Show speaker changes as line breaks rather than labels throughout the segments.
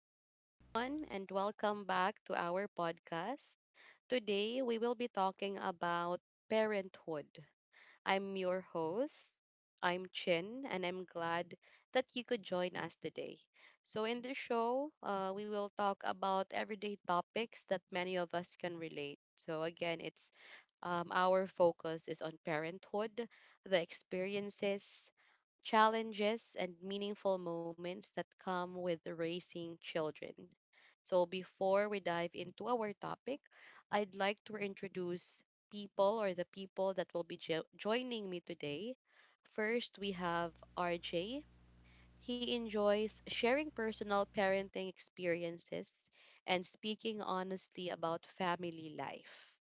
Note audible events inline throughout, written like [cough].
Hi, everyone, and welcome back to our podcast. Today, we will be talking about parenthood. I'm your host. I'm Chin, and I'm glad that you could join us today. So, in this show, we will talk about everyday topics that many of us can relate. So, again, it's our focus is on parenthood, the experiences, challenges, and meaningful moments that come with raising children. So, before we dive into our topic, I'd like to introduce people or the people that will be joining me today. First, we have RJ. He enjoys sharing personal parenting experiences and speaking honestly about family life.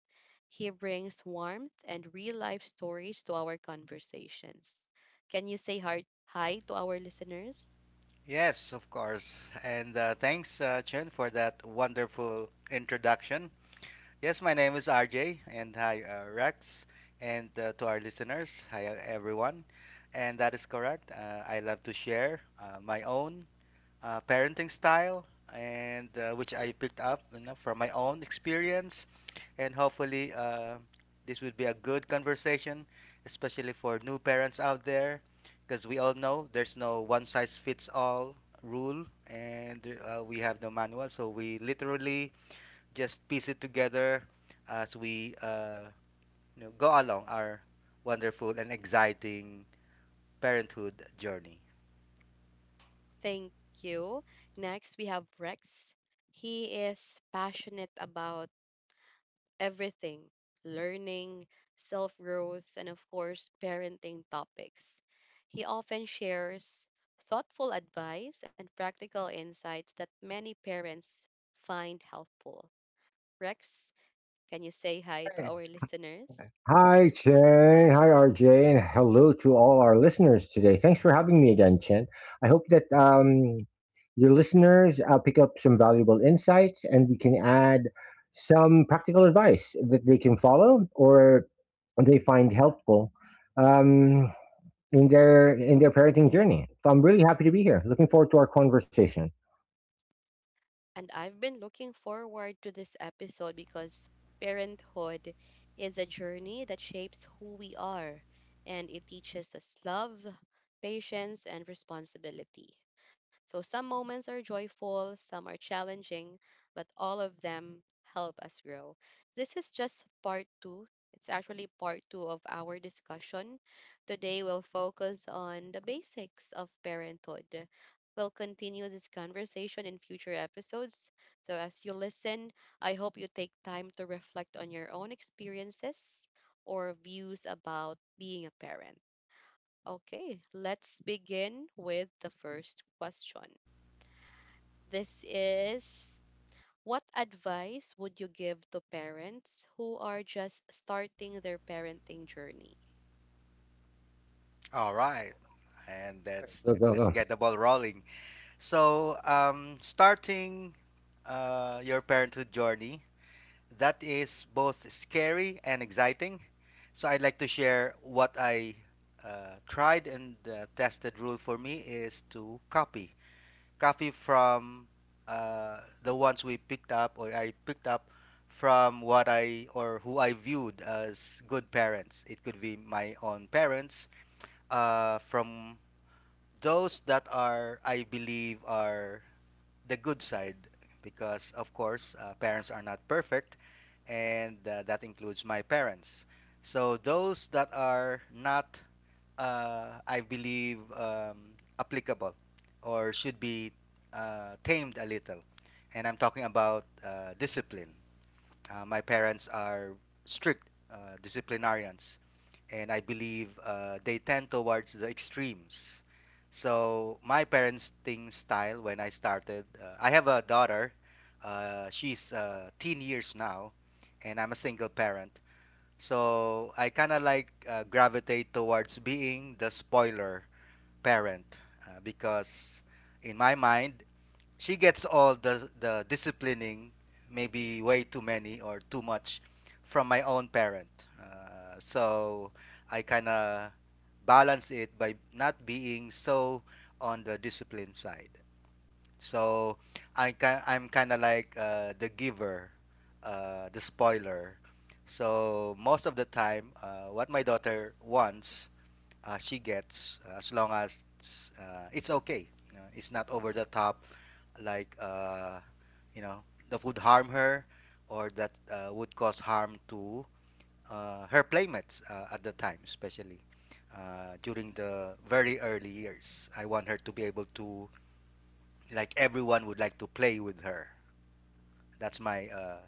He brings warmth and real life stories to our conversations. Can you say hi to our listeners?
Yes, of course. And thanks, Chen, for that wonderful introduction. Yes, my name is RJ, and hi, Rex, and to our listeners, hi, everyone. And that is correct. I love to share my own parenting style, and which I picked up from my own experience. And hopefully, this would be a good conversation, especially for new parents out there, because we all know there's no one size fits all rule, and we have no manual, so we literally just piece it together as we go along our wonderful and exciting parenthood journey.
Thank you. Next, we have Rex. He is passionate about everything learning, self growth, and of course, parenting topics. He often shares thoughtful advice and practical insights that many parents find helpful. Rex, can you say hi to
Hey.
our listeners?
Hi, Chen. Hi, RJ. And hello to all our listeners today. Thanks for having me again, Chen. I hope that your listeners pick up some valuable insights, and we can add some practical advice that they can follow or they find helpful um, in their parenting journey. So I'm really happy to be here. Looking forward to our conversation.
And I've been looking forward to this episode because parenthood is a journey that shapes who we are and it teaches us love, patience, and responsibility. So some moments are joyful, some are challenging, but all of them help us grow. This is just part two. It's actually part two of our discussion. Today, we'll focus on the basics of parenthood. We'll continue this conversation in future episodes. So, as you listen, I hope you take time to reflect on your own experiences or views about being a parent. Okay, let's begin with the first question. This is, what advice would you give to parents who are just starting their parenting journey?
All right, and that's
Go, go,
let's
go.
get the ball rolling. So, starting your parenthood journey, that is both scary and exciting. So, I'd like to share what I tried and tested rule for me is to copy from uh, the ones we picked up or I picked up from what I or who I viewed as good parents. It could be my own parents, from those that are I believe are the good side, because of course parents are not perfect, and that includes my parents. So those that are not, I believe, applicable or should be tamed a little. And I'm talking about discipline. My parents are strict disciplinarians, and I believe they tend towards the extremes. So my parents' thing style when I started, I have a daughter. She's teen years now, and I'm a single parent. So I kind of like gravitate towards being the spoiler parent, because in my mind she gets all the disciplining, maybe way too many or too much, from my own parent. So I kind of balance it by not being so on the discipline side. So I'm kind of like the giver, the spoiler. So most of the time, what my daughter wants, she gets, as long as it's okay. It's not over the top, like you know that would harm her, or that would cause harm to her playmates at the time, especially during the very early years. I want her to be able to like everyone would like to play with her. That's my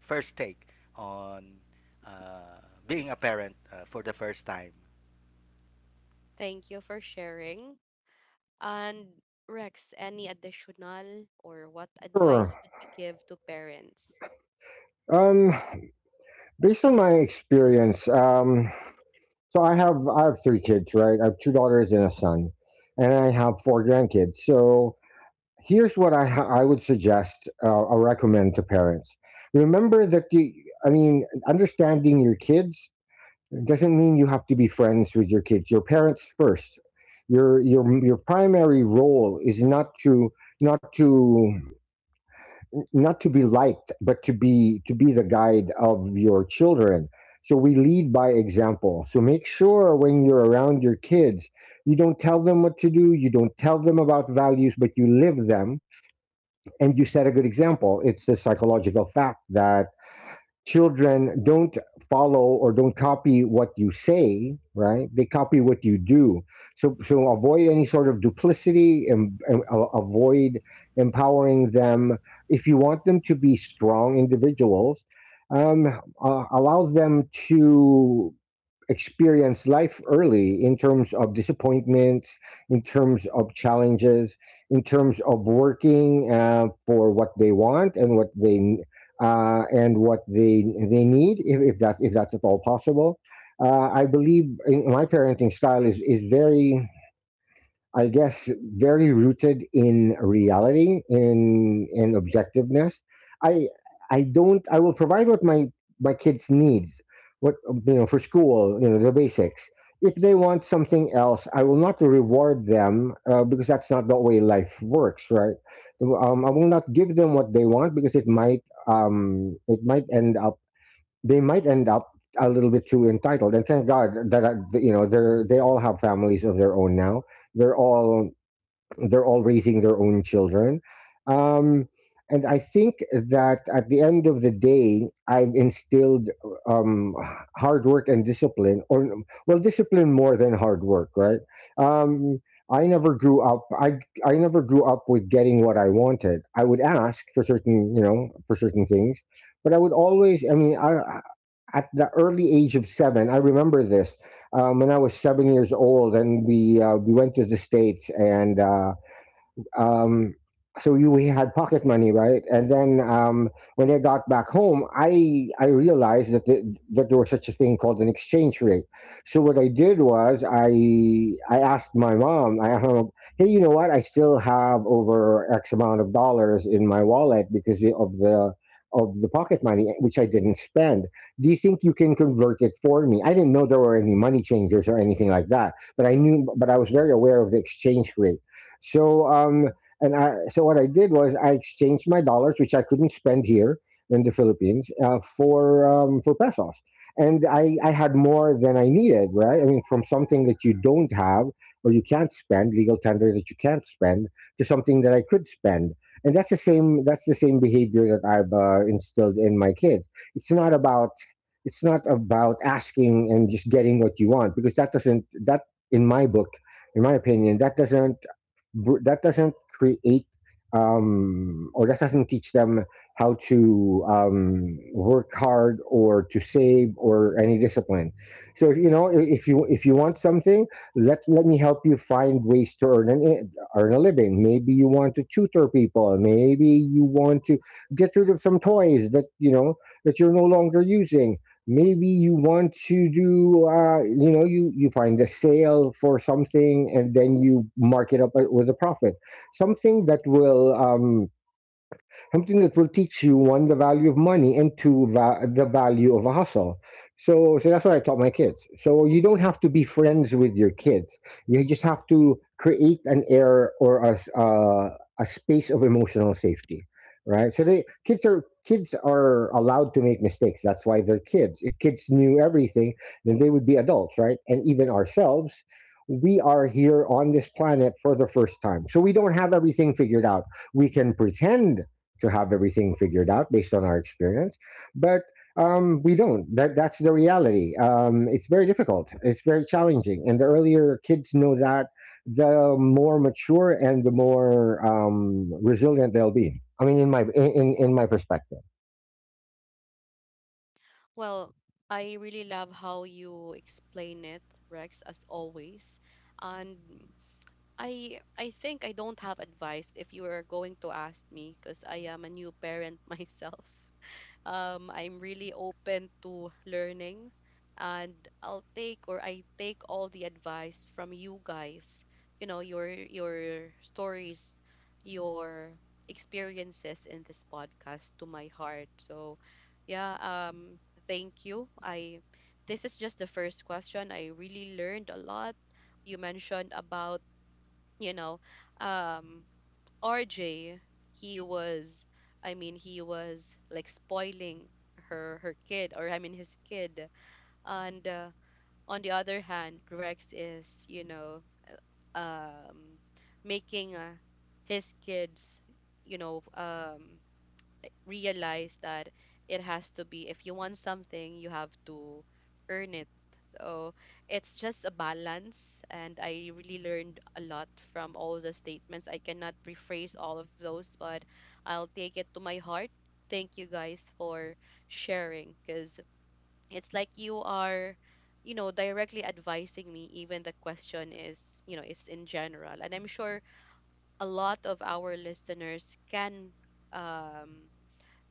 first take on uh, being a parent for the first time.
Thank you for sharing. And Rex, any additional, or what
Sure.
advice would you give to parents?
Um, Based on my experience, so I have three kids, right? I have two daughters and a son, and I have four grandkids. So here's what I would suggest or recommend to parents: remember that the I mean, understanding your kids doesn't mean you have to be friends with your kids. Your parents first. Your primary role is not to not to be liked, but to be the guide of your children. So we lead by example. So make sure when you're around your kids, you don't tell them what to do, you don't tell them about values, but you live them, and you set a good example. It's a psychological fact that children don't follow or don't copy what you say, right? They copy what you do. So avoid any sort of duplicity, avoid empowering them if you want them to be strong individuals. um, allows them to experience life early, in terms of disappointments, in terms of challenges, in terms of working for what they want and what they need, if that's at all possible. I believe in my parenting style is very, I guess, very rooted in reality, in objectiveness. I I don't. I will provide what my kids need, what, you know, for school, you know, the basics. If they want something else, I will not reward them because that's not the way life works, right? I will not give them what they want, because it might end up they might end up a little bit too entitled. And thank God that, they all have families of their own now. They're all they're all raising their own children. Um, and I think that at the end of the day, I've instilled um, hard work and discipline, or, well, discipline more than hard work, right? Um, I never grew up. I never grew up with getting what I wanted. I would ask for certain, you know, for certain things, but I would always. I mean, I at the early age of seven. I remember this when I was 7 years old, and we went to the states and. Um, so, we had pocket money, right? And then when I got back home, I realized that there was such a thing called an exchange rate. So what I did was I asked my mom, hey, you know what? I still have over X amount of dollars in my wallet because of the pocket money which I didn't spend. Do you think you can convert it for me? I didn't know there were any money changers or anything like that, but I knew, but I was very aware of the exchange rate. So um, so what I did was I exchanged my dollars, which I couldn't spend here in the Philippines, for pesos, and I had more than I needed. Right? I mean, from something that you don't have, or you can't spend, legal tender that you can't spend, to something that I could spend. And that's the same. That's the same behavior that I've instilled in my kids. It's not about it's not about asking and just getting what you want, because that doesn't that in my book, in my opinion, that doesn't create, or that doesn't teach them how to work hard or to save or any discipline. So, you know, if you want something, let me help you find ways to earn a living. Maybe you want to tutor people. Maybe you want to get rid of some toys that, you know, that you're no longer using. Maybe you want to do, you know, you find a sale for something and then you mark it up with a profit, something that will um, something that will teach you one, the value of money, and two, the value of a hustle. So that's what I taught my kids. So you don't have to be friends with your kids, you just have to create an air, or a space of emotional safety, right? So they kids are allowed to make mistakes. That's why they're kids. If kids knew everything, then they would be adults, right? And even ourselves, we are here on this planet for the first time, so we don't have everything figured out. We can pretend to have everything figured out based on our experience, but, we don't. That's the reality. It's very difficult. It's very challenging, and the earlier kids know that, the more mature and the more resilient they'll be. I mean, in my perspective.
Well, I really love how you explain it, Rex, as always. And I think I don't have advice if you are going to ask me because I am a new parent [laughs] myself. I'm really open to learning, and I take all the advice from you guys. You know, your stories, your experiences in this podcast to my heart. So, yeah, thank you. I This is just the first question. I really learned a lot. You mentioned about, you know, um RJ, he was, I mean, he was like spoiling her kid, or I mean his kid. And on the other hand, Rex is, um, making his kids, you know, um, realize that it has to be, if you want something you have to earn it. So it's just a balance, and I really learned a lot from all the statements. I cannot rephrase all of those, but I'll take it to my heart. Thank you guys for sharing, because it's like you are, you know, directly advising me, even the question is, you know, it's in general, and I'm sure a lot of our listeners can, um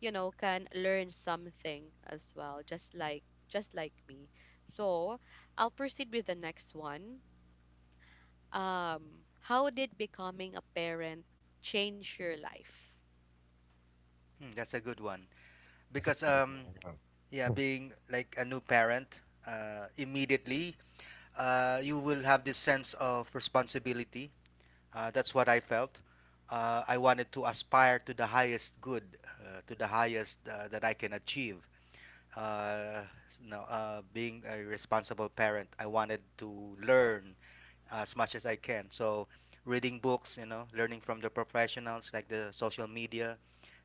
you know, can learn something as well, just like me. So I'll proceed with the next one. How did becoming a parent change your life?
Hmm, that's a good one, because yeah, being like a new parent, immediately you will have this sense of responsibility. That's what I felt. I wanted to aspire to the highest good, to the highest that I can achieve. Uh, no, being a responsible parent, I wanted to learn as much as I can. So reading books, learning from the professionals, like the social media,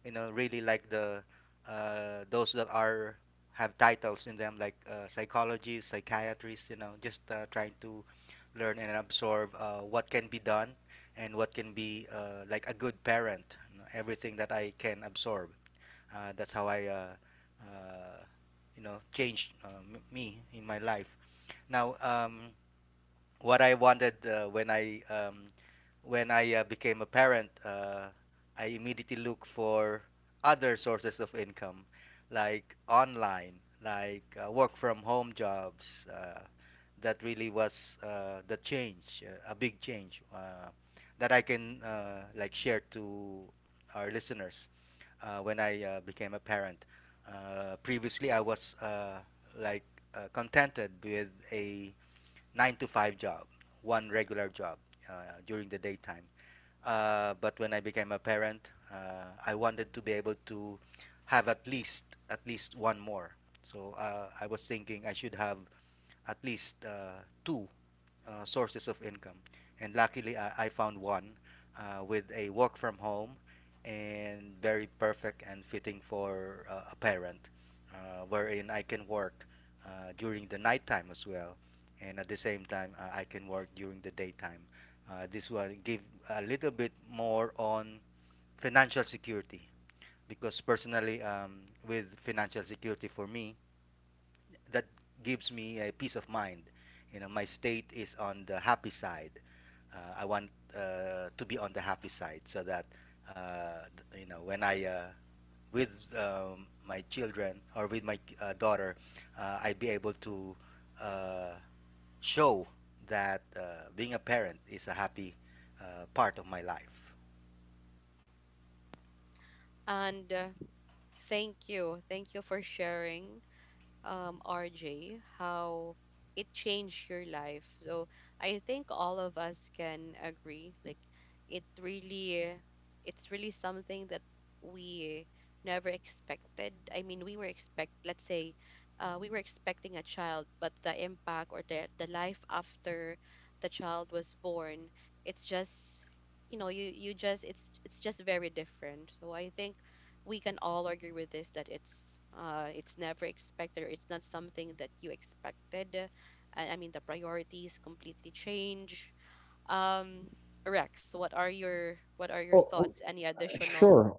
really like the those that are have titles in them, like psychologists, psychiatrists, just trying to learn and absorb what can be done and what can be like a good parent. Everything that I can absorb. That's how I, uh, changed me in my life. Now, what I wanted when I became a parent, I immediately look for other sources of income, like online, like work from home jobs. That really was the change, a big change that I can like share to our listeners when I became a parent. Previously, I was like contented with a 9 to 5 job, one regular job during the daytime. But when I became a parent, I wanted to be able to have at least one more. So I was thinking I should have at least two sources of income. And luckily, I found one with a work from home, and very perfect and fitting for a parent, wherein I can work during the nighttime as well. And at the same time, I can work during the daytime. This will give a little bit more on financial security, because personally, with financial security for me, that gives me a peace of mind. My state is on the happy side. I want to be on the happy side, so that th- you know when I with my children, or with my daughter, I'd be able to uh, show that being a parent is a happy part of my life.
And thank you for sharing, RJ, how it changed your life. So I think all of us can agree. Like it really, it's really something that we never expected. I mean, we were expect, let's say, we were expecting a child, but the impact or the life after the child was born, it's just, you know, you just, it's just very different. So I think we can all agree with this, that it's never expected, or it's not something that you expected. I mean the priorities completely change. Um Rex, what are your
Oh, oh.
thoughts? Any additional?
Sure,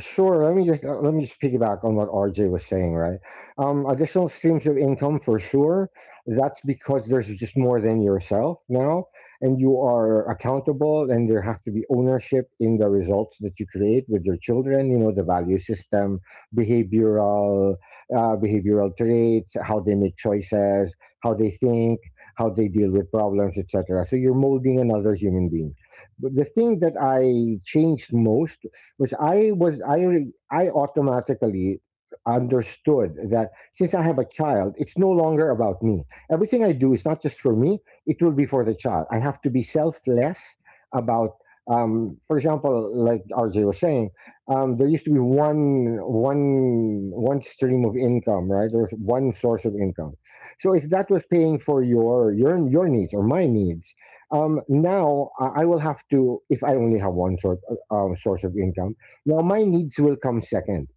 sure. Let me just piggyback on what RJ was saying. Right. Additional streams of income for sure. That's because there's just more than yourself now, and you are accountable, and there has to be ownership in the results that you create with your children. You know, the value system, behavioral, behavioral traits, how they make choices, how they think, how they deal with problems, etc. So you're molding another human being. But the thing that I changed most I automatically understood that since I have a child, it's no longer about me. Everything I do is not just for me; it will be for the child. I have to be selfless about. For example, like RJ was saying, there used to be one stream of income, right? There was one source of income. So if that was paying for your needs or my needs, now I will have to, if I only have one source source of income. Now, my needs will come second.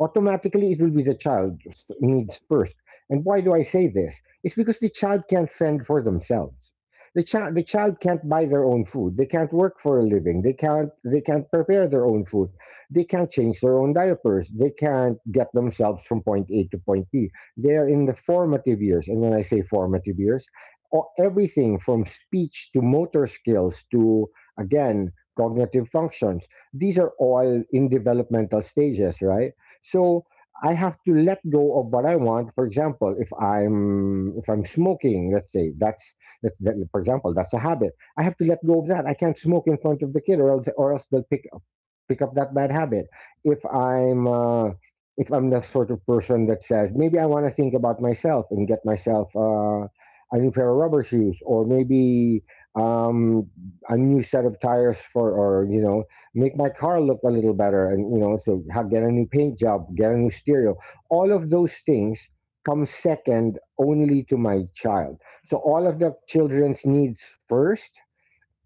Automatically, it will be the child needs first. And why do I say this? It's because the child can't fend for themselves. The child can't buy their own food. They can't work for a living. They can't prepare their own food. They can't change their own diapers. They can't get themselves from point A to point B. They're in the formative years. And when I say formative years, everything from speech to motor skills to, again, cognitive functions, these are all in developmental stages, right? So I have to let go of what I want. For example, if I'm smoking, let's say that's, for example, that's a habit. I have to let go of that. I can't smoke in front of the kid, or else they'll pick up that bad habit. If I'm uh, if I'm the sort of person that says, maybe I want to think about myself and get myself a new pair of rubber shoes, or maybe, um, a new set of tires for, or, you know, make my car look a little better, and, you know, so have get a new paint job, get a new stereo. All of those things come second only to my child. So all of the children's needs first,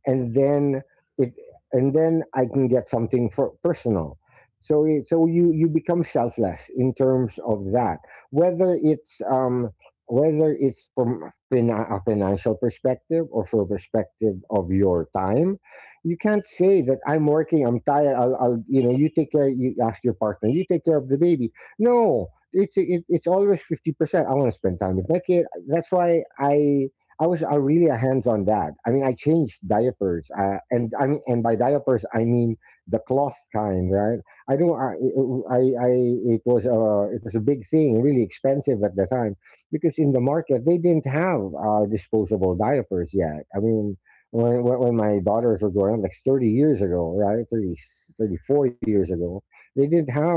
and then it and then I can get something for personal. So you become selfless in terms of that. Whether it's um Whether it's from a financial perspective or from a perspective of your time, you can't say that I'm working, I'm tired. I'll You know, you take care. You ask your partner, you take care of the baby. No, it's always 50%. I want to spend time with my kid. That's why I really a hands on dad. I mean, I changed diapers, and I mean, and by diapers I mean the cloth kind, right? I don't, I, I It was a big thing, really expensive at the time, because in the market they didn't have disposable diapers yet. I mean, when my daughters were growing up, like 30 years ago, right, 30 34 years ago, they didn't have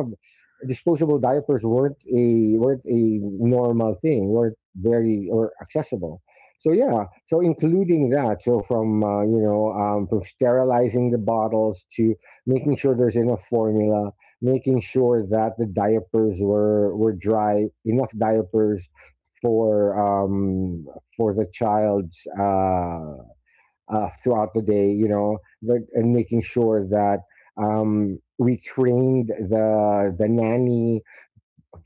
disposable diapers, weren't a normal thing, weren't very or accessible. So yeah, so including that, so from from sterilizing the bottles to making sure there's enough formula, making sure that the diapers were dry, enough diapers for um, for the child's throughout the day, that, and making sure that we trained the nanny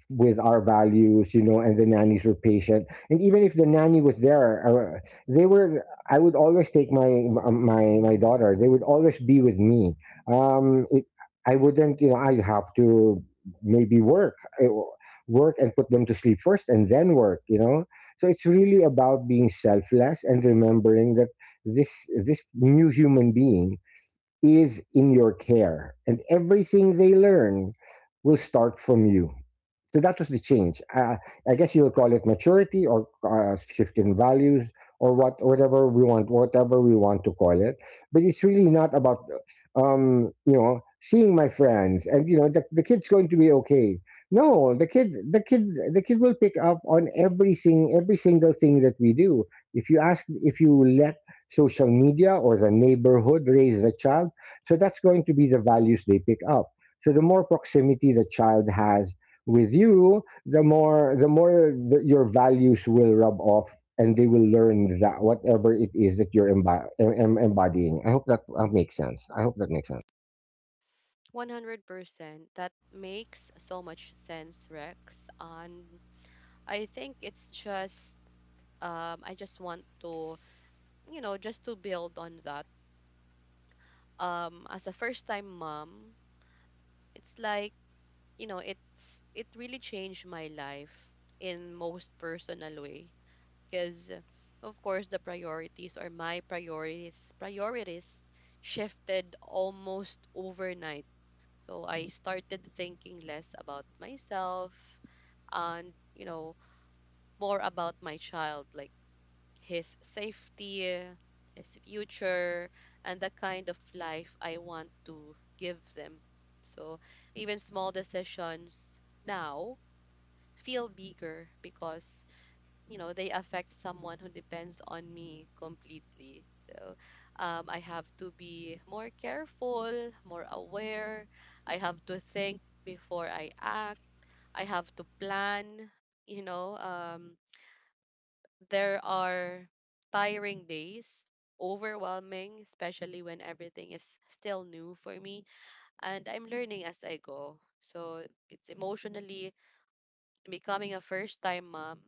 with our values, you know, and the nannies were patient. And even if the nanny was there, they were. I would always take my my daughter. They would always be with me. Um, it, I wouldn't, you know, I'd have to maybe work, eh, work and put them to sleep first, and then work. You know, so it's really about being selfless and remembering that this this new human being is in your care, and everything they learn will start from you, so that was the change. I guess you would call it maturity or shift in values or whatever we want to call it. But it's really not about, you know, seeing my friends and you know the kid's going to be okay. No, the kid, the kid will pick up on everything, every single thing that we do. If you let social media or the neighborhood raise the child, so that's going to be the values they pick up. So the more proximity the child has with you, the more that your values will rub off, and they will learn that whatever it is that you're embodying. I hope that makes sense. I hope that makes sense.
100%. That makes so much sense, Rex. And I think it's just, I just want to, you know, just to build on that. As a first-time mom, it's like, you know, it's it really changed my life in most personal way, because of course the priorities or my priorities shifted almost overnight. So I started thinking less about myself and, you know, more about my child, like his safety, his future, and the kind of life I want to give them. So even small decisions now feel bigger because, you know, they affect someone who depends on me completely. So I have to be more careful, more aware. I have to think before I act. I have to plan, you know um, there are tiring days, overwhelming, especially when everything is still new for me and I'm learning as I go. So it's emotionally, becoming a first time mom,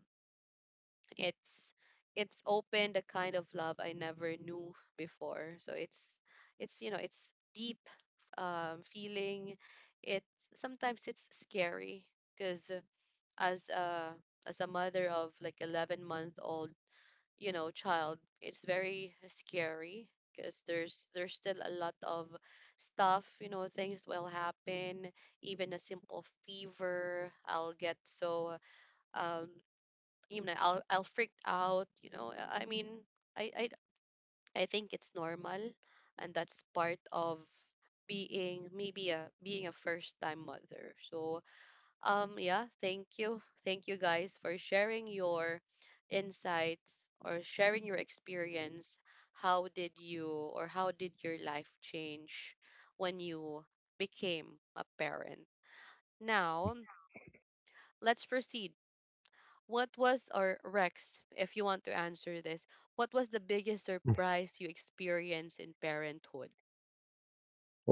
it's it's opened a kind of love I never knew before. So it's, you know, it's deep, feeling. It's sometimes it's scary because, as a as a mother of like 11-month old, you know, child, it's very scary because there's still a lot of stuff, you know, things will happen. Even a simple fever I'll get. So um you know, I'll freak out, you know, I mean I I I think it's normal, and that's part of being, maybe a, being a first time mother. So yeah, thank you guys for sharing your insights or sharing your experience. How did you, or how did your life change when you became a parent? Now let's proceed. What was, or Rex, if you want to answer this, what was the biggest surprise you experienced in parenthood?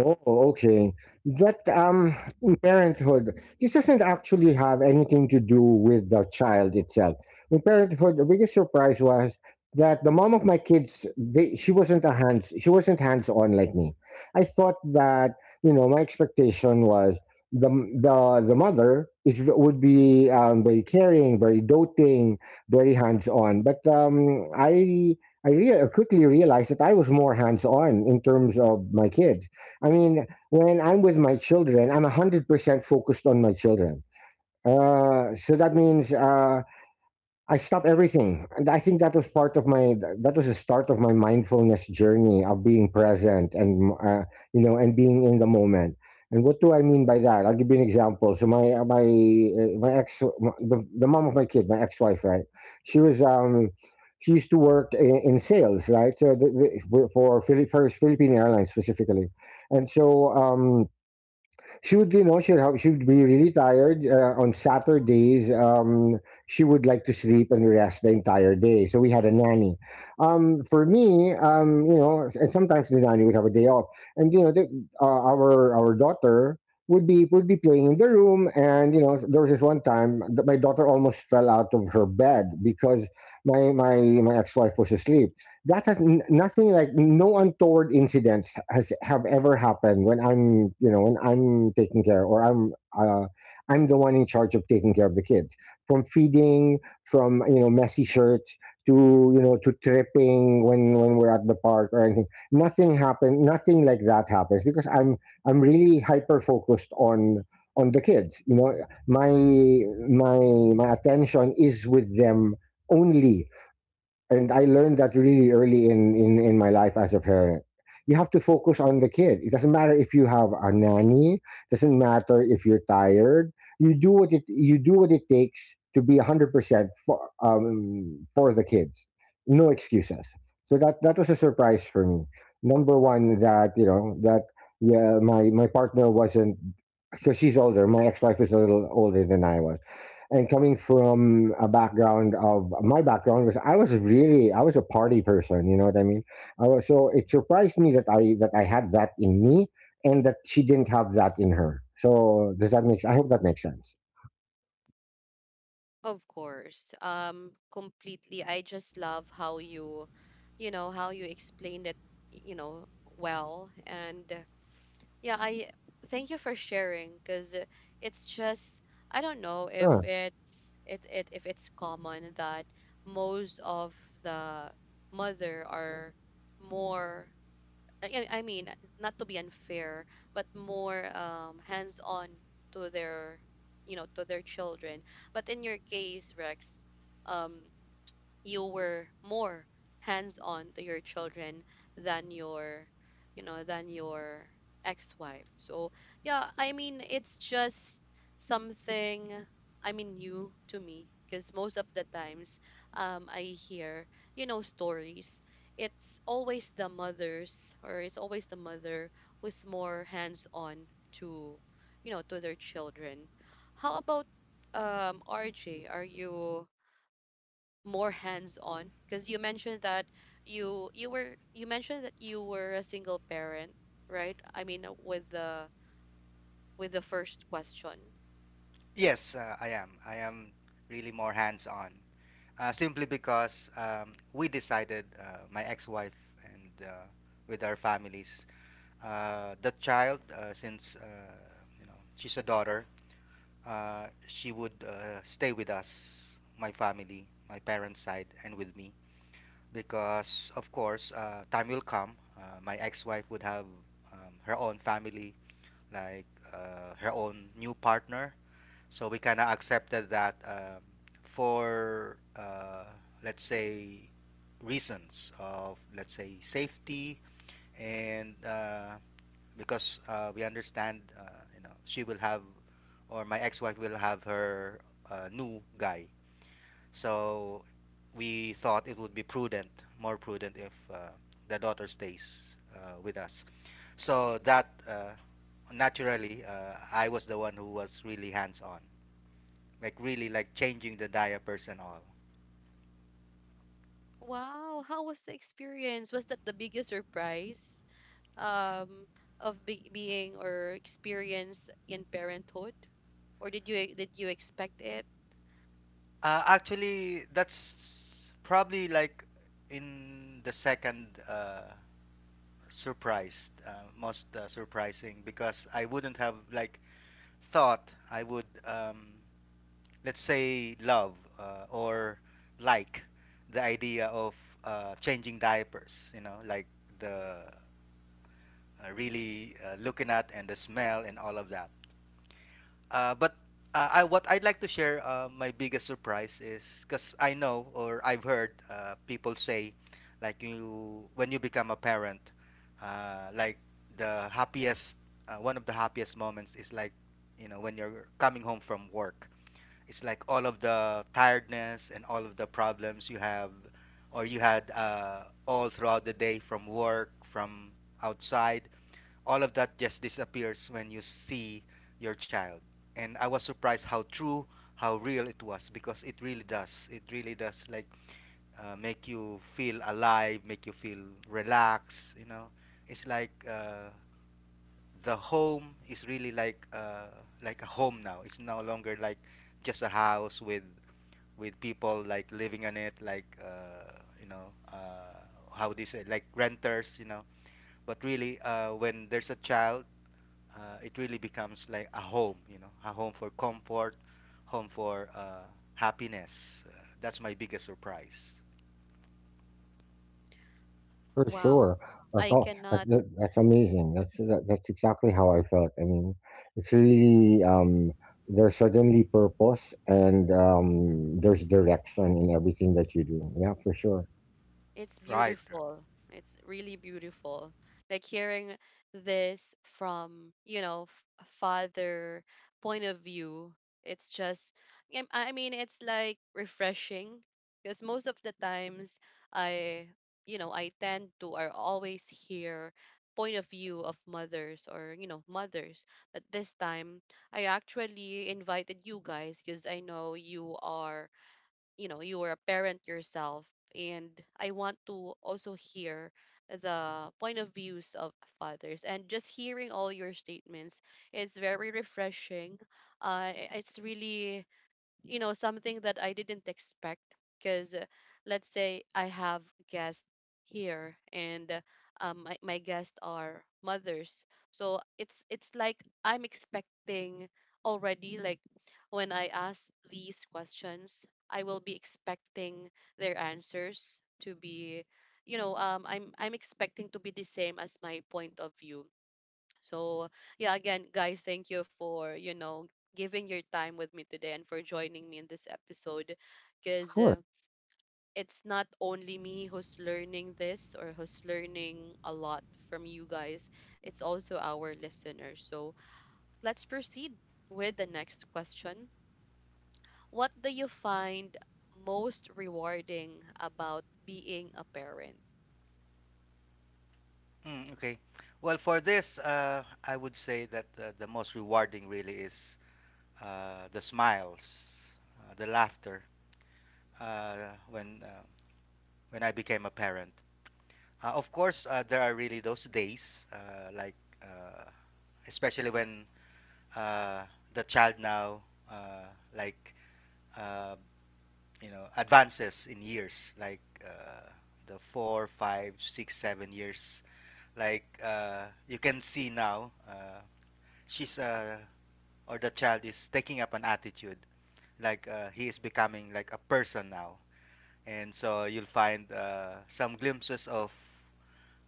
Oh, okay. That In parenthood, this doesn't actually have anything to do with the child itself. In parenthood, the biggest surprise was that the mom of my kids, she wasn't she wasn't hands on like me. I thought that you know my expectation was the the mother is would be very caring, very doting, very hands on. But I quickly realized that I was more hands on in terms of my kids. I mean, when I'm with my children, I'm 100% focused on my children. So that means I stopped everything. And I think that was part of my, that was the start of my mindfulness journey of being present and, you know, and being in the moment. And what do I mean by that? I'll give you an example. So my, my, my ex, my- the mom of my kid, my ex-wife, right? She was, she used to work in sales, right? So for Philippine Airlines specifically. And so, she would, you know, she would be really tired on Saturdays. She would like to sleep and rest the entire day, so we had a nanny, for me, you know, and sometimes the nanny would have a day off. And you know our daughter would be playing in the room, and you know there was this one time that my daughter almost fell out of her bed because my my my ex-wife was asleep. That has nothing, like no untoward incidents has have ever happened when I'm, you know, when I'm taking care, or uh, I'm the one in charge of taking care of the kids, from feeding, from you know messy shirts to you know to tripping when we're at the park or anything. Nothing happened, nothing like that happens because I'm really hyper focused on the kids, you know. my my my attention is with them only. And I learned that really early in my life as a parent. You have to focus on the kid. It doesn't matter if you have a nanny. Doesn't matter if you're tired. You do what it takes to be 100 percent for the kids. No excuses. So that was a surprise for me. Number one, that you know that yeah, my partner wasn't, because she's older. My ex wife is a little older than I was, and coming from a background of, my background was, I was a party person, you know what I mean? I was, so it surprised me that I had that in me, and that she didn't have that in her. So does that make, I hope that makes sense.
Of course. Completely. I just love how you, you know, how you explained it, you know, well. And yeah, I thank you for sharing because it's just, I don't know if
Yeah,
it's it, if it's common that most of the mother are more, I mean, not to be unfair, but more hands-on to their, you know, to their children. But in your case, Rex, um, you were more hands on to your children than your, you know, than your ex-wife. So yeah, I mean it's just something, I mean new to me because most of the times, I hear, you know, stories, it's always the mothers, or it's always the mother who's more hands on to, you know, to their children. How about, RJ, are you more hands on? Because you mentioned that you mentioned that you were a single parent, right? I mean with the first question.
Yes, I am. I am really more hands-on, simply because we decided, my ex-wife and with our families, the child, since, she's a daughter, she would stay with us, my family, my parents' side, and with me, because of course, time will come. My ex-wife would have her own family, like her own new partner, so we kind of accepted that, for, let's say, reasons of, let's say, safety, and because we understand, she will have, or my ex-wife will have her new guy. So we thought it would be prudent, more prudent, if the daughter stays with us. So that naturally, I was the one who was really hands-on, like really like changing the diapers and all.
Wow, how was the experience? Was that the biggest surprise, um of being or experience in parenthood, or did you expect it?
Actually, that's probably like in the second surprise, most surprising, because I wouldn't have like thought I would, let's say, love or like the idea of changing diapers, like the really looking at and the smell and all of that. But what I'd like to share, my biggest surprise is because I know, or I've heard people say, like you, when you become a parent, like the happiest, one of the happiest moments is like, when you're coming home from work. It's like all of the tiredness and all of the problems you have, or you had, all throughout the day, from work, from outside, all of that just disappears when you see your child. And I was surprised how true, how real it was, because it really does. It really does like make you feel alive, make you feel relaxed. It's like the home is really like a home now. It's no longer like just a house with people like living in it, like you know uh, how do you say, like renters. But really, when there's a child, it really becomes like a home, a home for comfort, home for happiness. That's my biggest surprise.
for
Wow,
sure. That's
I
all,
cannot.
that's amazing. That's exactly how I felt. I mean, it's really there's certainly purpose and there's direction in everything that you do. Yeah, for sure.
It's
Right.
beautiful. It's really beautiful. Like hearing this from, you know, a father point of view, it's just, I mean, it's like refreshing because most of the times I, you know, I tend to or always hear point of view of mothers, or, you know, mothers. But this time I actually invited you guys because I know you are, you know, you were a parent yourself, and I want to also hear the point of views of fathers. And just hearing all your statements, it's very refreshing. It's really, you know, something that I didn't expect because let's say I have guests here, and my guests are mothers. So it's like I'm expecting already, like when I ask these questions I will be expecting their answers to be, you know, I'm expecting to be the same as my point of view. So, yeah, again, guys, thank you for, you know, giving your time with me today and for joining me in this episode,
For
because
sure.
it's not only me who's learning this, or who's learning a lot from you guys, it's also our listeners. So, let's proceed with the next question. What do you find most rewarding about being a parent?
Mm, okay. Well, for this, I would say that the most rewarding really is the smiles, the laughter uh, when uh, when I became a parent. Of course, there are really those days, like uh, especially when uh, the child now, uh, like uh, advances in years, like the 4, 5, 6, 7 years. Like you can see now, she's, or the child is taking up an attitude, like he is becoming like a person now. And so you'll find some glimpses of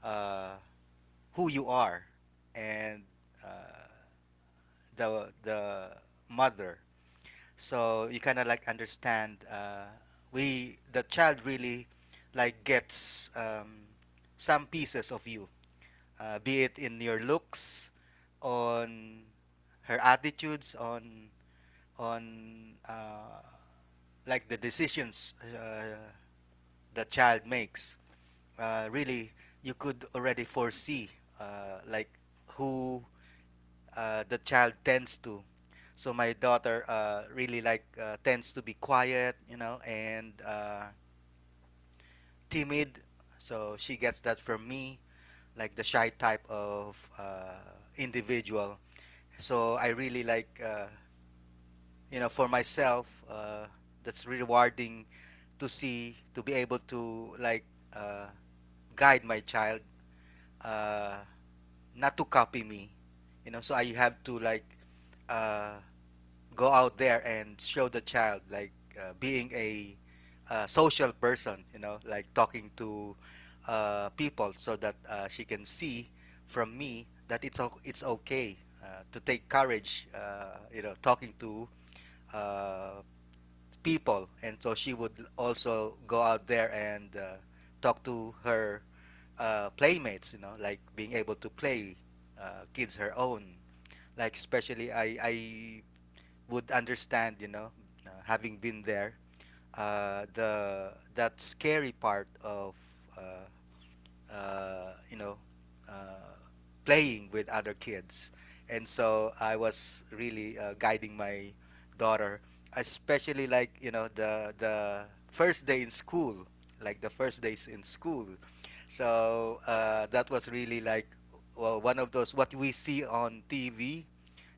uh, who you are, and uh, the mother. So you kind of like understand. We the child really like gets some pieces of you, be it in your looks, on her attitudes, on like the decisions the child makes. Really you could already foresee like who the child tends to. So my daughter really like tends to be quiet, and timid. So she gets that from me, like the shy type of individual. So I really for myself, that's rewarding, to see, to be able to like uh, guide my child, uh, not to copy me. So I have to like uh, go out there and show the child, like being a social person, like talking to people, so that she can see from me that it's okay to take courage, talking to uh, people, and so she would also go out there and talk to her playmates, like being able to play kids her own. Like especially, I would understand, you know, having been there, the that scary part of uh, uh, you know, uh, playing with other kids. And so I was really guiding my daughter, especially like the first day in school, like the first days in school. That was really like, well, one of those what we see on TV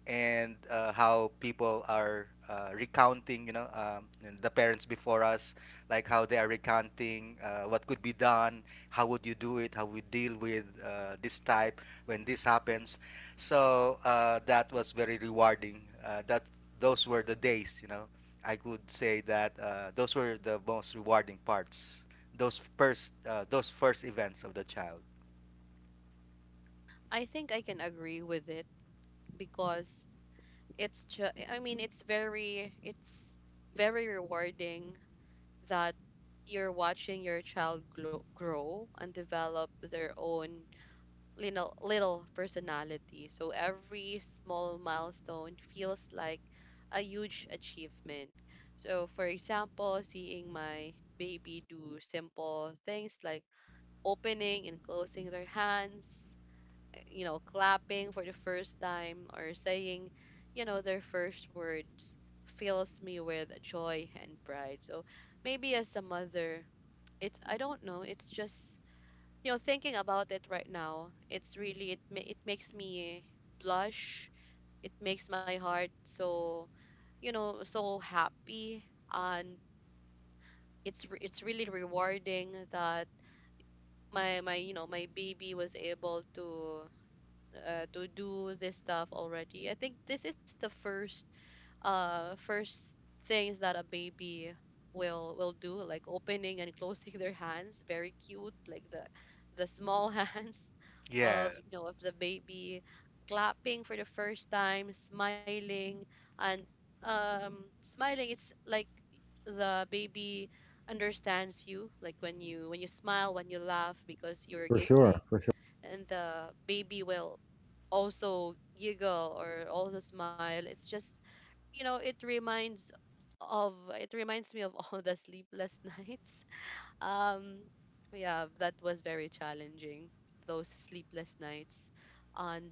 and how people are recounting, and the parents before us, like how they are recounting what could be done, how would you do it, how we deal with this type when this happens. So that was very rewarding. That Those were the days, you know. I could say that those were the most rewarding parts. Those first events of the child.
I think I can agree with it because it's I mean it's very, it's very rewarding that you're watching your child grow and develop their own little personality. So every small milestone feels like a huge achievement. So for example, seeing my baby do simple things like opening and closing their hands, you know, clapping for the first time, or saying, you know, their first words, fills me with joy and pride. So maybe as a mother, it's, I don't know, it's just, you know, thinking about it right now it's really, it it makes me blush, it makes my heart so, you know, so happy. And it's it's really rewarding that my you know, my baby was able to do this stuff already. I think this is the first things that a baby will do, like opening and [laughs] closing their hands. Very cute, like the small [laughs] hands
Yeah,
of you know of the baby, clapping for the first time, smiling, and smiling. It's like the baby understands you, like when you smile, when you laugh, because you're
For sure.
giggling,
For
and the baby will also giggle or also smile. It's just you know it reminds it reminds me of [laughs] all the sleepless [laughs] nights. Um, yeah, that was very challenging. Those sleepless nights, and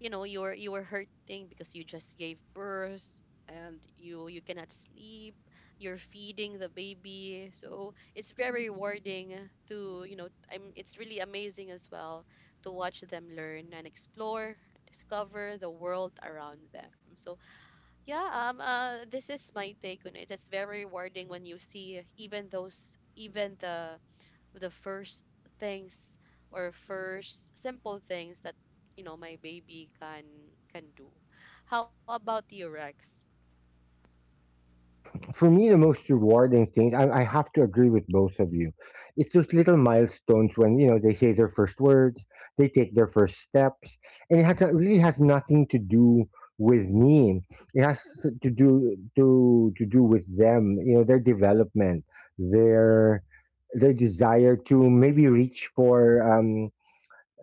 you know you were hurting because you just gave birth, and you cannot sleep, you're feeding the baby. So it's very rewarding to you know I'm, it's really amazing as well to watch them learn and explore, discover the world around them. So yeah, this is my take on it. It's very rewarding when you see even those, even the things first simple things that, you know, my baby can do. How about you, Rex?
me, the most rewarding thing, I have to agree with both of you. It's those little milestones when, you know, they say their first words, they take their first steps. And it has, it really has nothing to do with me. It has to do, to do with them, you know, their development, their, their desire to maybe reach for, um,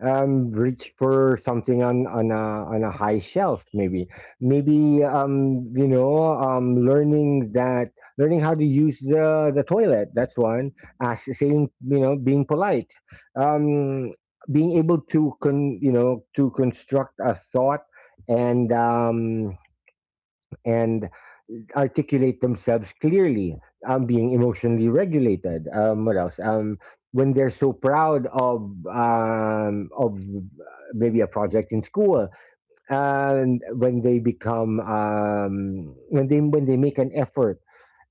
um reach for something on a high shelf, maybe. Learning that learning how to use the toilet, that's one. As saying, you know, being polite, um being able to construct a thought, and um and articulate themselves clearly, being emotionally regulated. What else? When they're so proud of um, of uh, maybe a project in school, and when they become when they make an effort,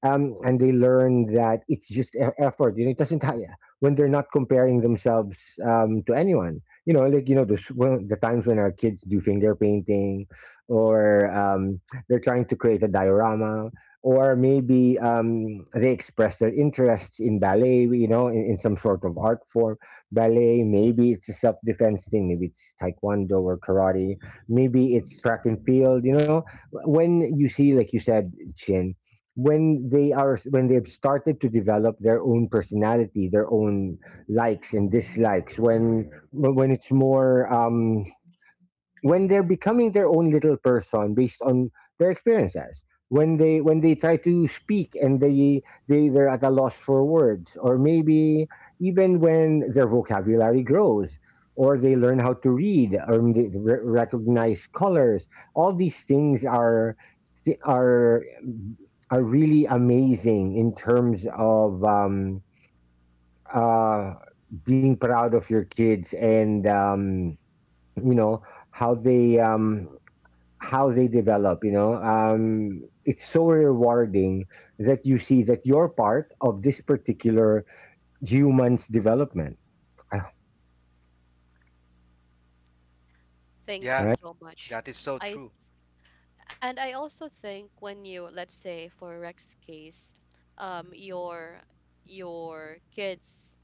and they learn that it's just effort. You know, it doesn't ha- when they're not comparing themselves to anyone. You know, like you know, the times when our kids do finger painting, or they're trying to create a diorama, or maybe they express their interests in ballet. You know, in some sort of art form, ballet. Maybe it's a self-defense thing. Maybe it's taekwondo or karate. Maybe it's track and field. You know, when you see, like you said, Chin, when they are, when they've started to develop their own personality, their own likes and dislikes, when it's more when they're becoming their own little person based on their experiences, when they try to speak, and they they're at a loss for words, or maybe even when their vocabulary grows, or they learn how to read, or they recognize colors, all these things are are are really amazing in terms of uh being proud of your kids, and you know how they um how they develop, you know. It's so rewarding that you see that you're part of this particular human's development. Ah, all
yeah,
Thank
right.
you so
that
much.
is so true.
I, and I also think when you, let's say, for Rex case, um your your kids,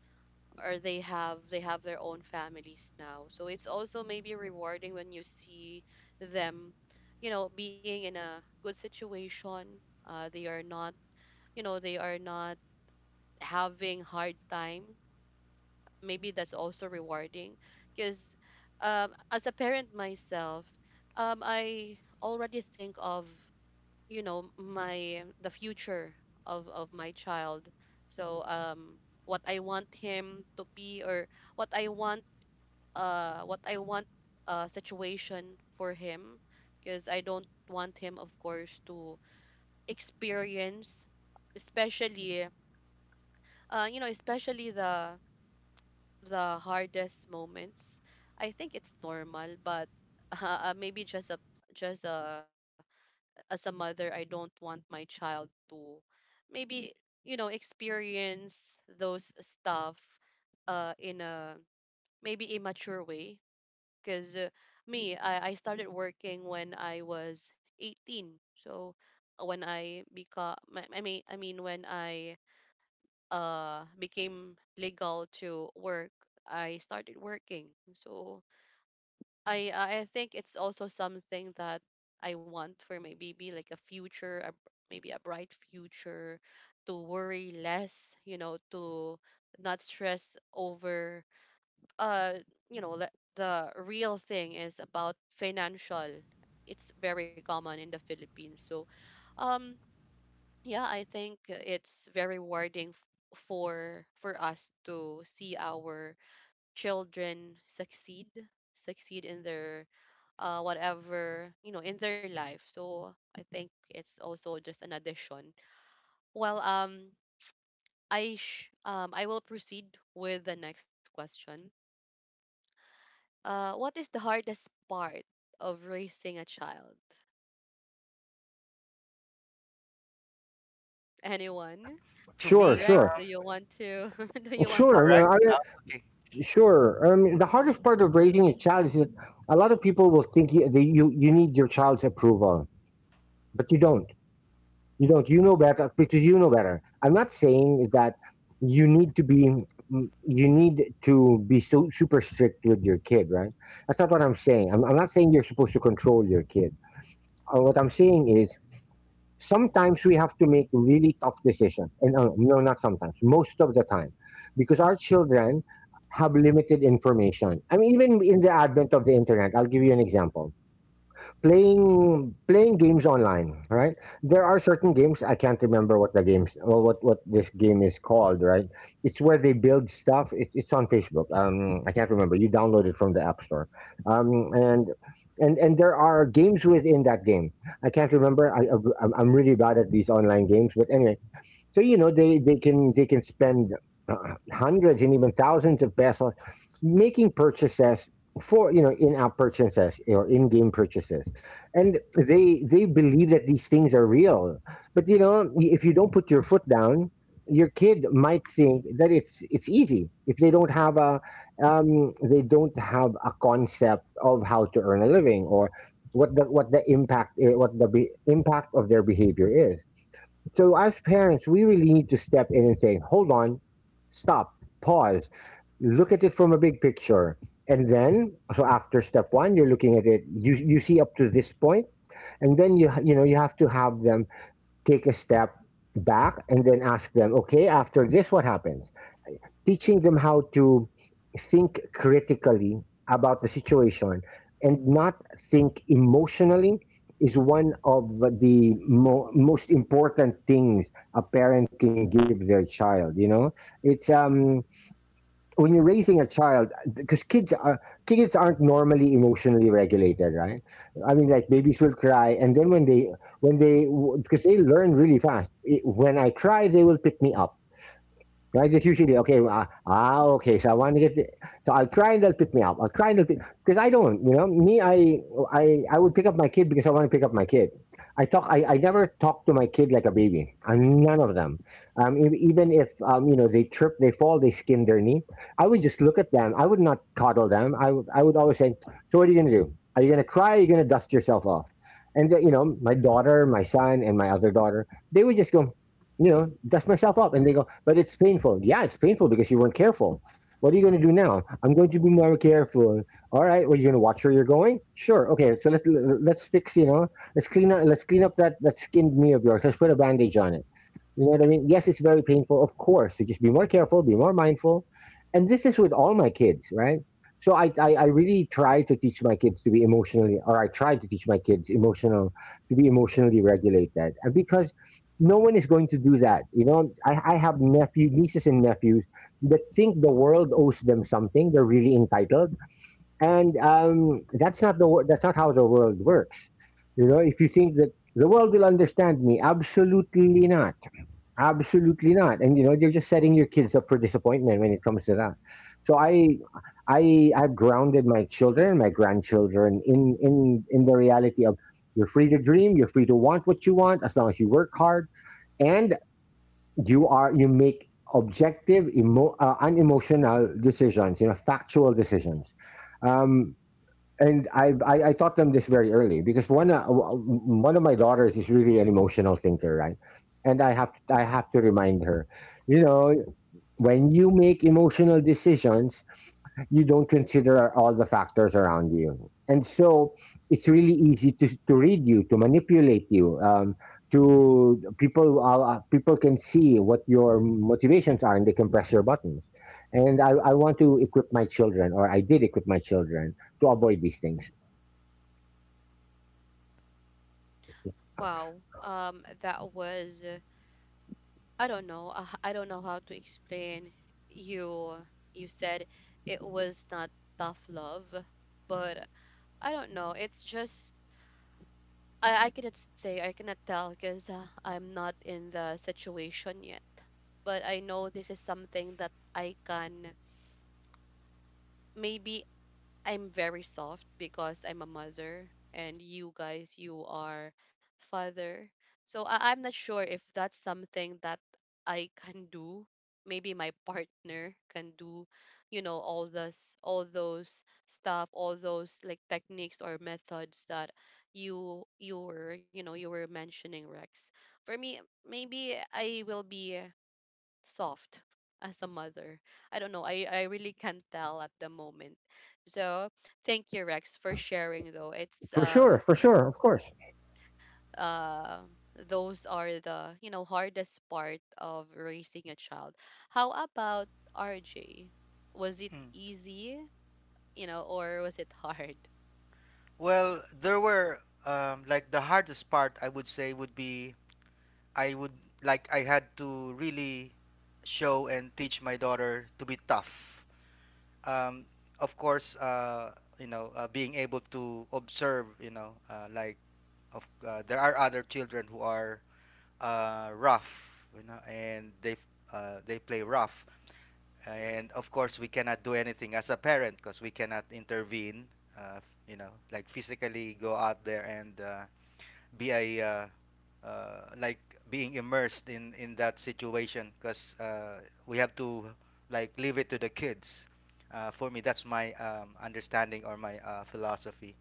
or they have their own families now, so it's also maybe rewarding when you see them, you know, being in a good situation. They are not, you know, they are not having hard time. Maybe that's also rewarding because, as a parent myself, I already think of, you know, my the future of my child. So what I want him to be, or what I want, what I want situation for him. Because I don't want him, of course, to experience, especially, you know, especially the hardest moments. I think it's normal, but [laughs] maybe just a, just a, as a mother, I don't want my child to maybe, you know, experience those stuff in a maybe immature way. Because me, I started working when I was 18. So when I become, I mean, I mean when I became legal to work, I started working. So I I think it's also something that I want for my baby, like a future, a, maybe a bright future, to worry less, you know, to not stress over, uh the real thing is about financial. It's very common in the Philippines. So um yeah, I think it's very rewarding for us to see our children succeed in their, whatever, you know, in their life. So I think it's also just an addition. Well, I will proceed with the next question. What is the hardest part of raising a child? Anyone?
To
Or
Sure,
me,
Rex,
sure.
do you want to [laughs] do you want to
sure no,
go?
Rex.
I
Okay.
mean, sure The hardest part of raising a child is that a lot of people will think that you need your child's approval, but you don't. You don't. You know better because you know better. I'm not saying that you need to be, you need to be so super strict with your kid, right? That's not what I'm saying. I'm not saying you're supposed to control your kid. What I'm saying is sometimes we have to make really tough decisions, and no, not sometimes. Most of the time, because our children have limited information. I mean, even in the advent of the internet, I'll give you an example. Playing games online, right? There are certain games, I can't remember what the games, well, what this game is called, right? It's where they build stuff. It's on Facebook. I can't remember. You download it from the app store. um and and there are games within that game. I can't remember. I'm really bad at these online games, but anyway, so, you know, they can, they can spend hundreds and even thousands of pesos making purchases for, you know, in-app purchases or in-game purchases. And they believe that these things are real. But, you know, if you don't put your foot down, your kid might think that it's easy. If they don't have a they don't have a concept of how to earn a living, or what the impact, impact of their behavior is. So as parents, we really need to step in and say, hold on, stop, pause. Look at it from a big picture. And then, so after step one, you're looking at it, you see up to this point, and then you know, you have to have them take a step back and then ask them, okay, after this, what happens? Teaching them how to think critically about the situation and not think emotionally is one of the most important things a parent can give their child, you know. It's When you're raising a child, because kids are, kids aren't normally emotionally regulated, right? I mean, like, babies will cry, and then when they, when they because they learn really fast, when I cry they will pick me up. Right, just usually okay. Okay. So I want to get, the, so I'll try and they'll pick me up. I'll try and they'll pick, because I don't, you know, me. I would pick up my kid because I want to pick up my kid. I talk. I never talk to my kid like a baby. I'm none of them. E- even if you know, they trip, they fall, they skin their knee. I would just look at them. I would not coddle them. I would always say, so what are you gonna do? Are you gonna cry? Are you gonna dust yourself off? And you know, my daughter, my son, and my other daughter, they would just go, you know, dust myself up. And they go, but it's painful. Yeah, it's painful because you weren't careful. What are you going to do now? I'm going to be more careful. All right. Well, you're going to watch where you're going. Sure. Okay. So let's fix. You know, let's clean up. Let's clean up that skinned knee of yours. Let's put a bandage on it. You know what I mean? Yes, it's very painful, of course. So just be more careful, be more mindful. And this is with all my kids, right? So I really try to teach my kids to be emotionally, or I try to teach my kids emotional, to be emotionally regulated. And because no one is going to do that. You know, I have nephew, nieces and nephews that think the world owes them something. They're really entitled. And that's not the, that's not how the world works. You know, if you think that the world will understand me, absolutely not. Absolutely not. And you know, you're just setting your kids up for disappointment when it comes to that. So I I've grounded my children, my grandchildren, in the reality of, you're free to dream, you're free to want what you want, as long as you work hard and you make objective unemotional decisions, you know, factual decisions. Um, and I taught them this very early, because one of my daughters is really an emotional thinker, right? And I have to remind her, you know, when you make emotional decisions, you don't consider all the factors around you. And so it's really easy to read you, to manipulate you. To people, people can see what your motivations are, and they can press your buttons. And I want to equip my children, or I did equip my children, to avoid these things.
Wow. That was I don't know. I don't know how to explain. You you said it was not tough love, but I don't know. It's just I cannot say, I cannot tell, because I'm not in the situation yet. But I know this is something that I can, maybe I'm very soft because I'm a mother, and you guys, you are father. So I'm not sure if that's something that I can do. Maybe my partner can do, you know, all this, all those stuff, all those like techniques or methods that you were, you know, you were mentioning, Rex. For me, maybe I will be soft as a mother. I don't know. I really can't tell at the moment. So thank you, Rex, for sharing though. It's
For sure, of course.
uh those are the, you know, hardest part of raising a child. How about RJ? Was it
Mm.
easy, you know, or was it hard
Well, there were like the hardest part I would say would be I would like I had to really show and teach my daughter to be tough. Um, of course, you know, being able to observe, you know, like of there are other children who are rough, you know, and they play rough. And of course we cannot do anything as a parent because we cannot intervene, uh, you know, like physically go out there and be a like being immersed in that situation because we have to like leave it to the kids. For me, that's my understanding or my philosophy.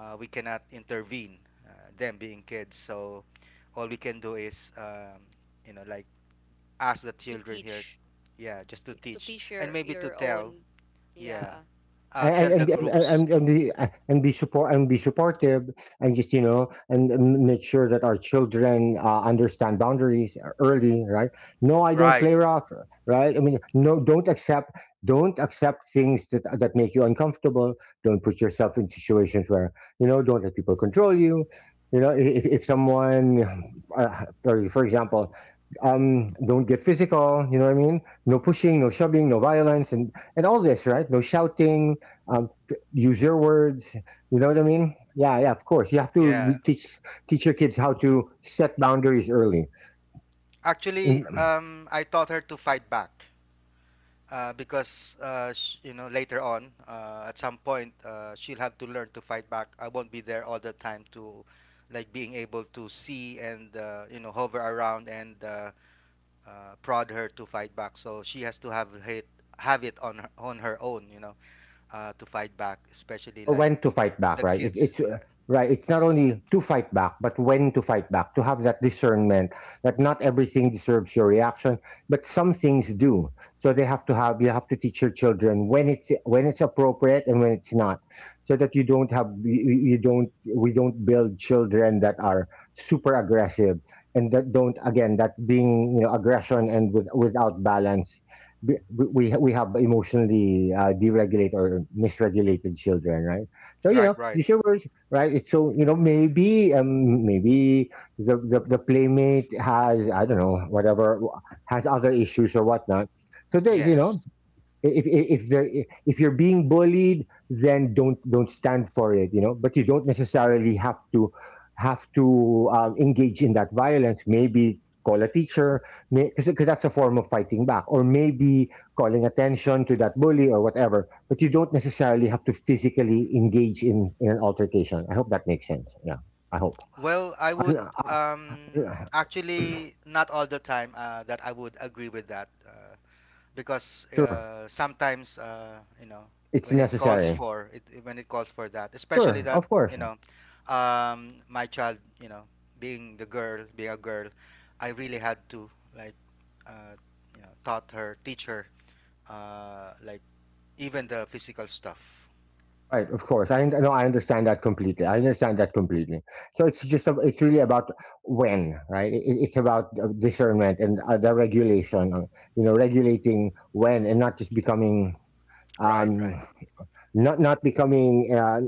We cannot intervene, uh, them being kids. So all we can do is, you know, like ask the
to
children here,
teach,
yeah, just to
to
teach
teach
and maybe to
your
tell,
own.
yeah,
Yeah.
and
tell the
and and
groups,
and, and, be and be support and be supportive, and just, you know, and make sure that our children understand boundaries early, right? No, I don't
right?
play rough, right? I mean, no, don't accept, don't accept things that that make you uncomfortable. Don't put yourself in situations where, you know, don't let people control you. You know, if, for example, don't get physical, you know what I mean? No pushing, no shoving, no violence and all this, right? No shouting. Use your words. You know what I mean? Yeah, yeah. Of course, you have to
Yeah.
teach your kids how to set boundaries early,
Actually,
in,
I taught her to fight back, because you know later on, at some point, she'll have to learn to fight back. I won't be there all the time to, like, being able to see and you know hover around and uh, prod her to fight back. So she has to have it on her own, you know, to fight back, especially
or
like
when to fight back,
the
right?
kids,
It's
yeah.
Right. It's not only to fight back, but when to fight back. To have that discernment that not everything deserves your reaction, but some things do. So they have to have. You have to teach your children when it's appropriate and when it's not, so that you don't have you don't, we don't build children that are super aggressive and that don't, again, that being, you know, aggression and without balance. b- we have emotionally deregulated or misregulated children, right? So, you
Right,
know,
right.
these your words, right? It's, so, you know, maybe, maybe the playmate has, I don't know, whatever, has other issues or whatnot. So they, you
Yes.
know, if you're being bullied, then don't stand for it, you know, but you don't necessarily have to engage in that violence. Maybe call a teacher, because that's a form of fighting back, or maybe calling attention to that bully or whatever. But you don't necessarily have to physically engage in an altercation. I hope that makes sense. Yeah, I hope.
Well, I would,
Uh, uh,
um
uh,
actually not all the time that I would agree with that, uh, because
sure,
uh, sometimes, you know,
it's
when it calls
necessary.
for it, when it calls for that, especially
Sure,
that,
of
you
course.
know, my child, you know, being a girl, I really had to like, uh, you know, teach her, like even the physical stuff.
Right, of course. I know. I understand that completely. I understand that completely. So it's just a, it's really about when, right? It, it's about discernment and the regulation. You know, regulating when, and not just becoming
Right,
um
right.
not, not becoming uh,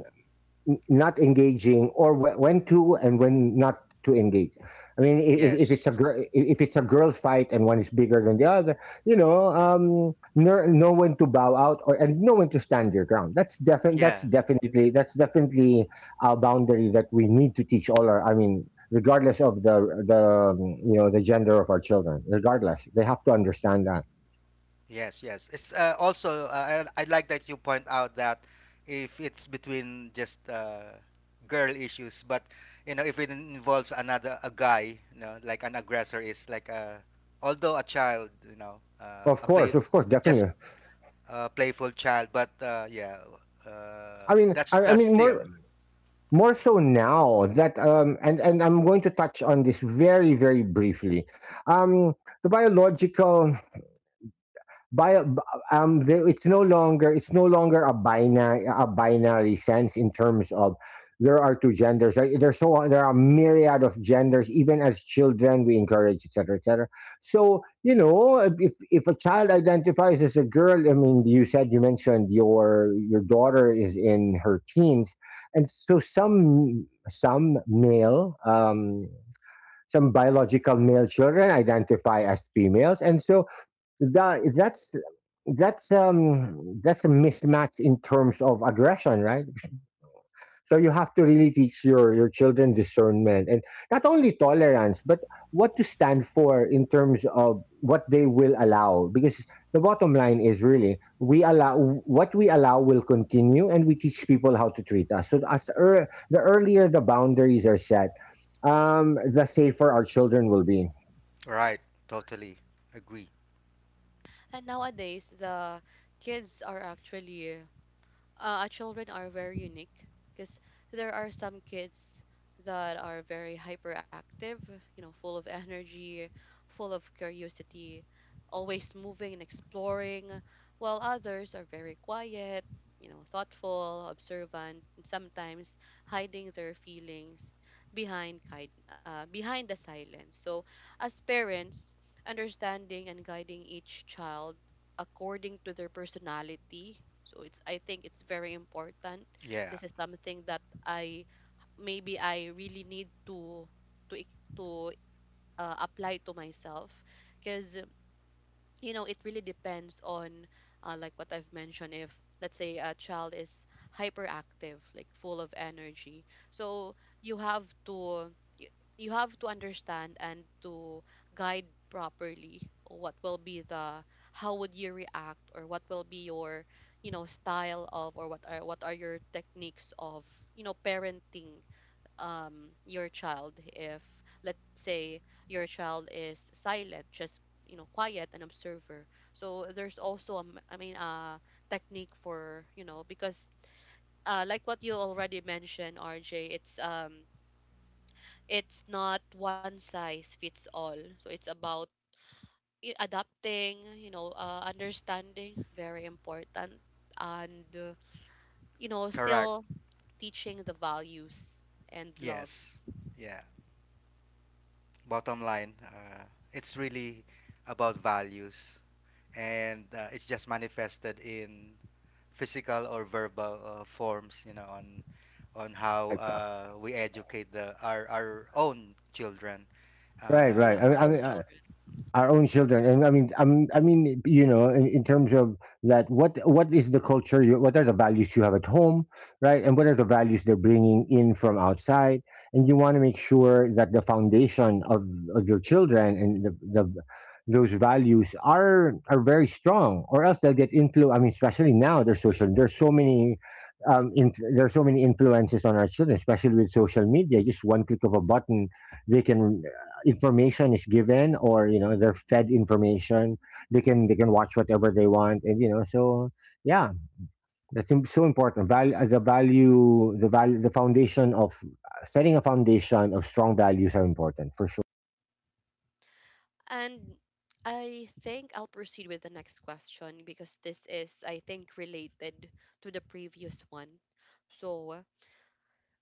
n- not engaging, or when to and when not to engage. I mean, if it's
Yes.
a girl, if it's a girl fight and one is bigger than the other, you know when to bow out, or and know when to stand your ground.
Yeah.
That's definitely a boundary that we need to teach all our. I mean, regardless of the you know, the gender of our children, regardless, they have to understand that.
Yes, yes. It's also I like that you point out that if it's between just girl issues, but you know if it involves another a guy, you know, like an aggressor, is like a, although a child, you know, a play
Of course,
just
definitely.
a playful child, but yeah,
I
that's
mean,
still
more, more so now that, and I'm going to touch on this very very briefly. um the biological, Bio, there, it's no longer a binary sense in terms of, there are two genders. Right? There's, so there are myriad of genders. Even as children, we encourage etc. etc. So, you know, if a child identifies as a girl, I mean, you said, you mentioned your daughter is in her teens, and so some male some biological male children identify as females, and so that that's that's a mismatch in terms of aggression, right? So you have to really teach your children discernment, and not only tolerance, but what to stand for in terms of what they will allow, because the bottom line is, really we allow, what we allow will continue, and we teach people how to treat us. So as ear the earlier the boundaries are set, the safer our children will be.
right. Totally agree.
And nowadays the kids are actually, our children are very unique because there are some kids that are very hyperactive, you know, full of energy, full of curiosity, always moving and exploring, while others are very quiet, you know, thoughtful, observant, and sometimes hiding their feelings behind kind, behind the silence. So, as parents, understanding and guiding each child according to their personality, so it's, I think it's very important.
Yeah,
This is something that I, maybe I really need to, to apply to myself because, you know, it really depends on, like what I've mentioned. If let's say a child is hyperactive, like full of energy, so you have to, you have to understand and to guide properly. What will be the, how would you react, or what will be your, you know, style of, or what are your techniques of, you know, parenting your child. If let's say your child is silent, just, you know, quiet, an observer, so there's also a I mean a technique for, you know, because like what you already mentioned, RJ, it's not one size fits all. So it's about adapting, you know, understanding very important. And you know,
correct.
still teaching the values and love.
Yes, yeah. Bottom line, it's really about values, and it's just manifested in physical or verbal forms, you know, on how
Right, uh,
we educate the our own children.
right,
Yeah,
uh,
right.
our own children.
Our own children, and I mean, I mean, you know, in terms of that, what is the culture you, what are the values you have at home, right? And what are the values they're bringing in from outside? And you want to make sure that the foundation of your children, and the those values are very strong, or else they'll get influenced. I mean, especially now, there's social, there's so many there's so many influences on our children, especially with social media. Just one click of a button, they can, information is given, or you know, they're fed information. They can, they can watch whatever they want, and you know, so, yeah, that's so important. The value, the value, the foundation of setting a foundation of strong values are important, for sure.
And I think I'll proceed with the next question, because this is, I think, related to the previous one. So,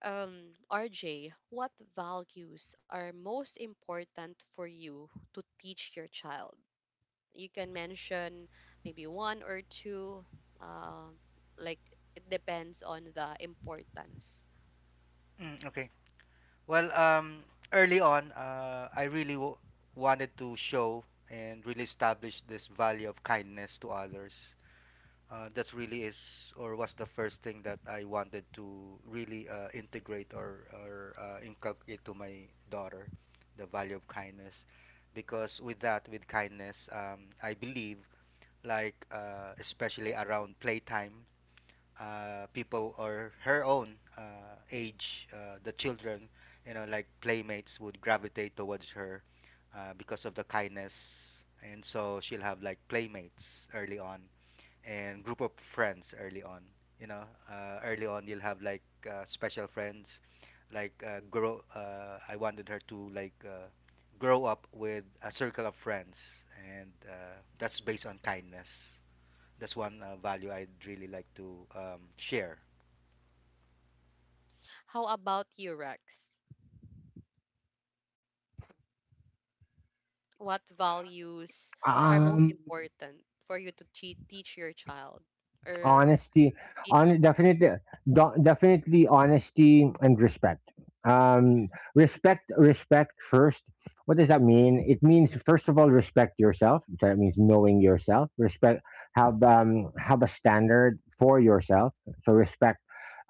RJ, what values are most important for you to teach your child? You can mention maybe one or two, uh, like, it depends on the importance.
mm, okay. Well, early on, I really wanted to show and really establish this value of kindness to others. That's really is or was the first thing that I wanted to really integrate, or inculcate to my daughter, the value of kindness. Because with that, with kindness, I believe, like, especially around playtime, people or her own age, the children, you know, like playmates would gravitate towards her because of the kindness. And so she'll have like playmates early on, and group of friends early on. You know, early on you'll have like special friends, like, grow. I wanted her to like grow up with a circle of friends, and that's based on kindness. That's one value I'd really like to share.
How about you, Rex? What values are most
um
important for you to teach your child? Or
Honesty,
did you?
on, definitely, definitely honesty and respect. um Respect first. What does that mean? It means, first of all, respect yourself, so that means knowing yourself, respect, have a standard for yourself, so respect,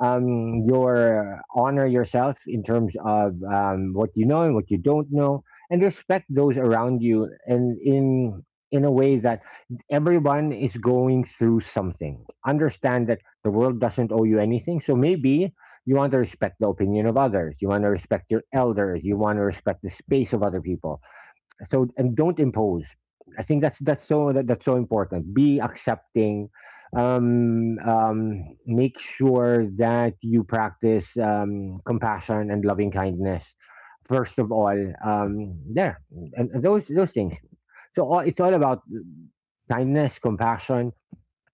your, honor yourself in terms of what you know and what you don't know, and respect those around you, and in a way that everyone is going through something. Understand that the world doesn't owe you anything. So maybe you want to respect the opinion of others. You want to respect your elders. You want to respect the space of other people. So, and don't impose. I think that's, that's so important. Be accepting. Make sure that you practice compassion and loving kindness, first of all. There, and those things. So, all, it's all about kindness, compassion,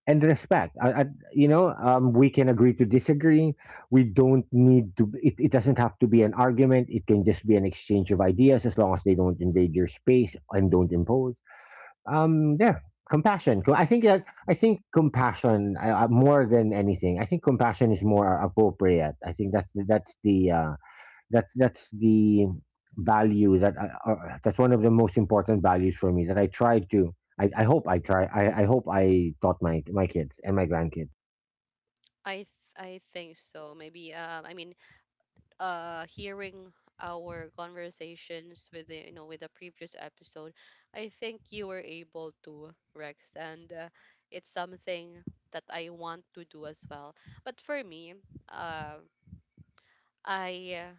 and respect. You know, we can agree to disagree. We don't need to. It doesn't have to be an argument. It can just be an exchange of ideas, as long as they don't invade your space and don't impose. Um, there, compassion. I think that, I think compassion, more than anything. I think compassion is more appropriate. I think that's the that's that's the value that I, that's one of the most important values for me, that I try to. I hope I try. I hope I taught my, my kids and my grandkids.
I think so. Maybe I mean, hearing our conversations with the, you know, with the previous episode, I think you were able to, Rex. And it's something that I want to do as well. But for me, um, I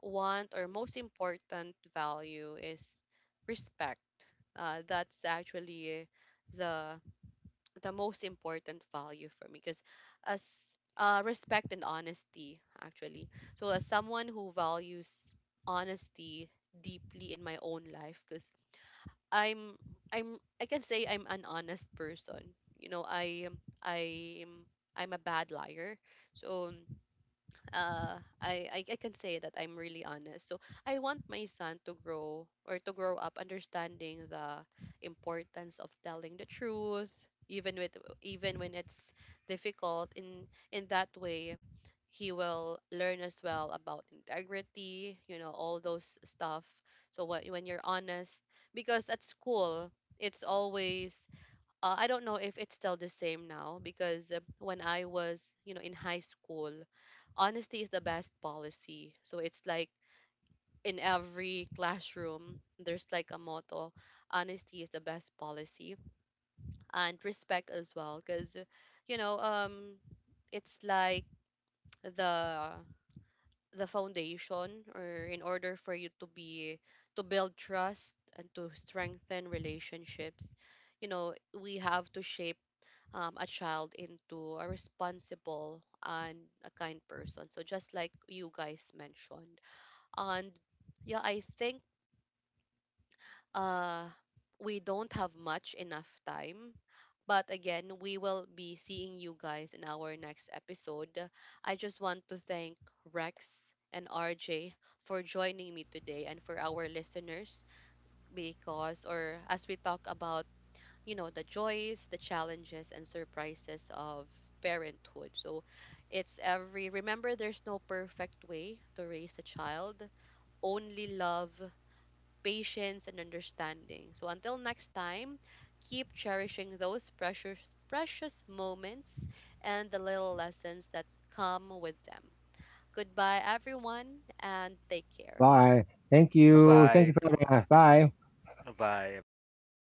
want, or most important value, is respect. That's actually the the most important value for me because as, respect and honesty, actually. So as someone who values honesty deeply in my own life, because I'm I'm I can say I'm an honest person. You know, I'm I'm a bad liar. So I can say that I'm really honest. So I want my son to grow, or to grow up understanding the importance of telling the truth, even with, even when it's difficult. In that way, he will learn as well about integrity. You know, all those stuff. So what, when you're honest, because at school it's always, I don't know if it's still the same now, because when I was, you know, in high school, honesty is the best policy. So it's like in every classroom there's like a motto, honesty is the best policy, and respect as well. Because, you know, it's like the the foundation, or in order for you to be to build trust and to strengthen relationships, you know, we have to shape a child into a responsible and a kind person, so just like you guys mentioned. And yeah, I think uh we don't have much enough time. But again, we will be seeing you guys in our next episode. I just want to thank Rex and RJ for joining me today, and for our listeners, because, or as we talk about, you know, the joys, the challenges and surprises of parenthood. So it's every, remember, there's no perfect way to raise a child, only love, patience, and understanding. So until next time, keep cherishing those precious, precious moments and the little lessons that come with them. Goodbye, everyone, and take care.
Bye. Thank
Bye
you. Thank
bye,
you for having us. Bye.
bye bye, everyone. Thank you.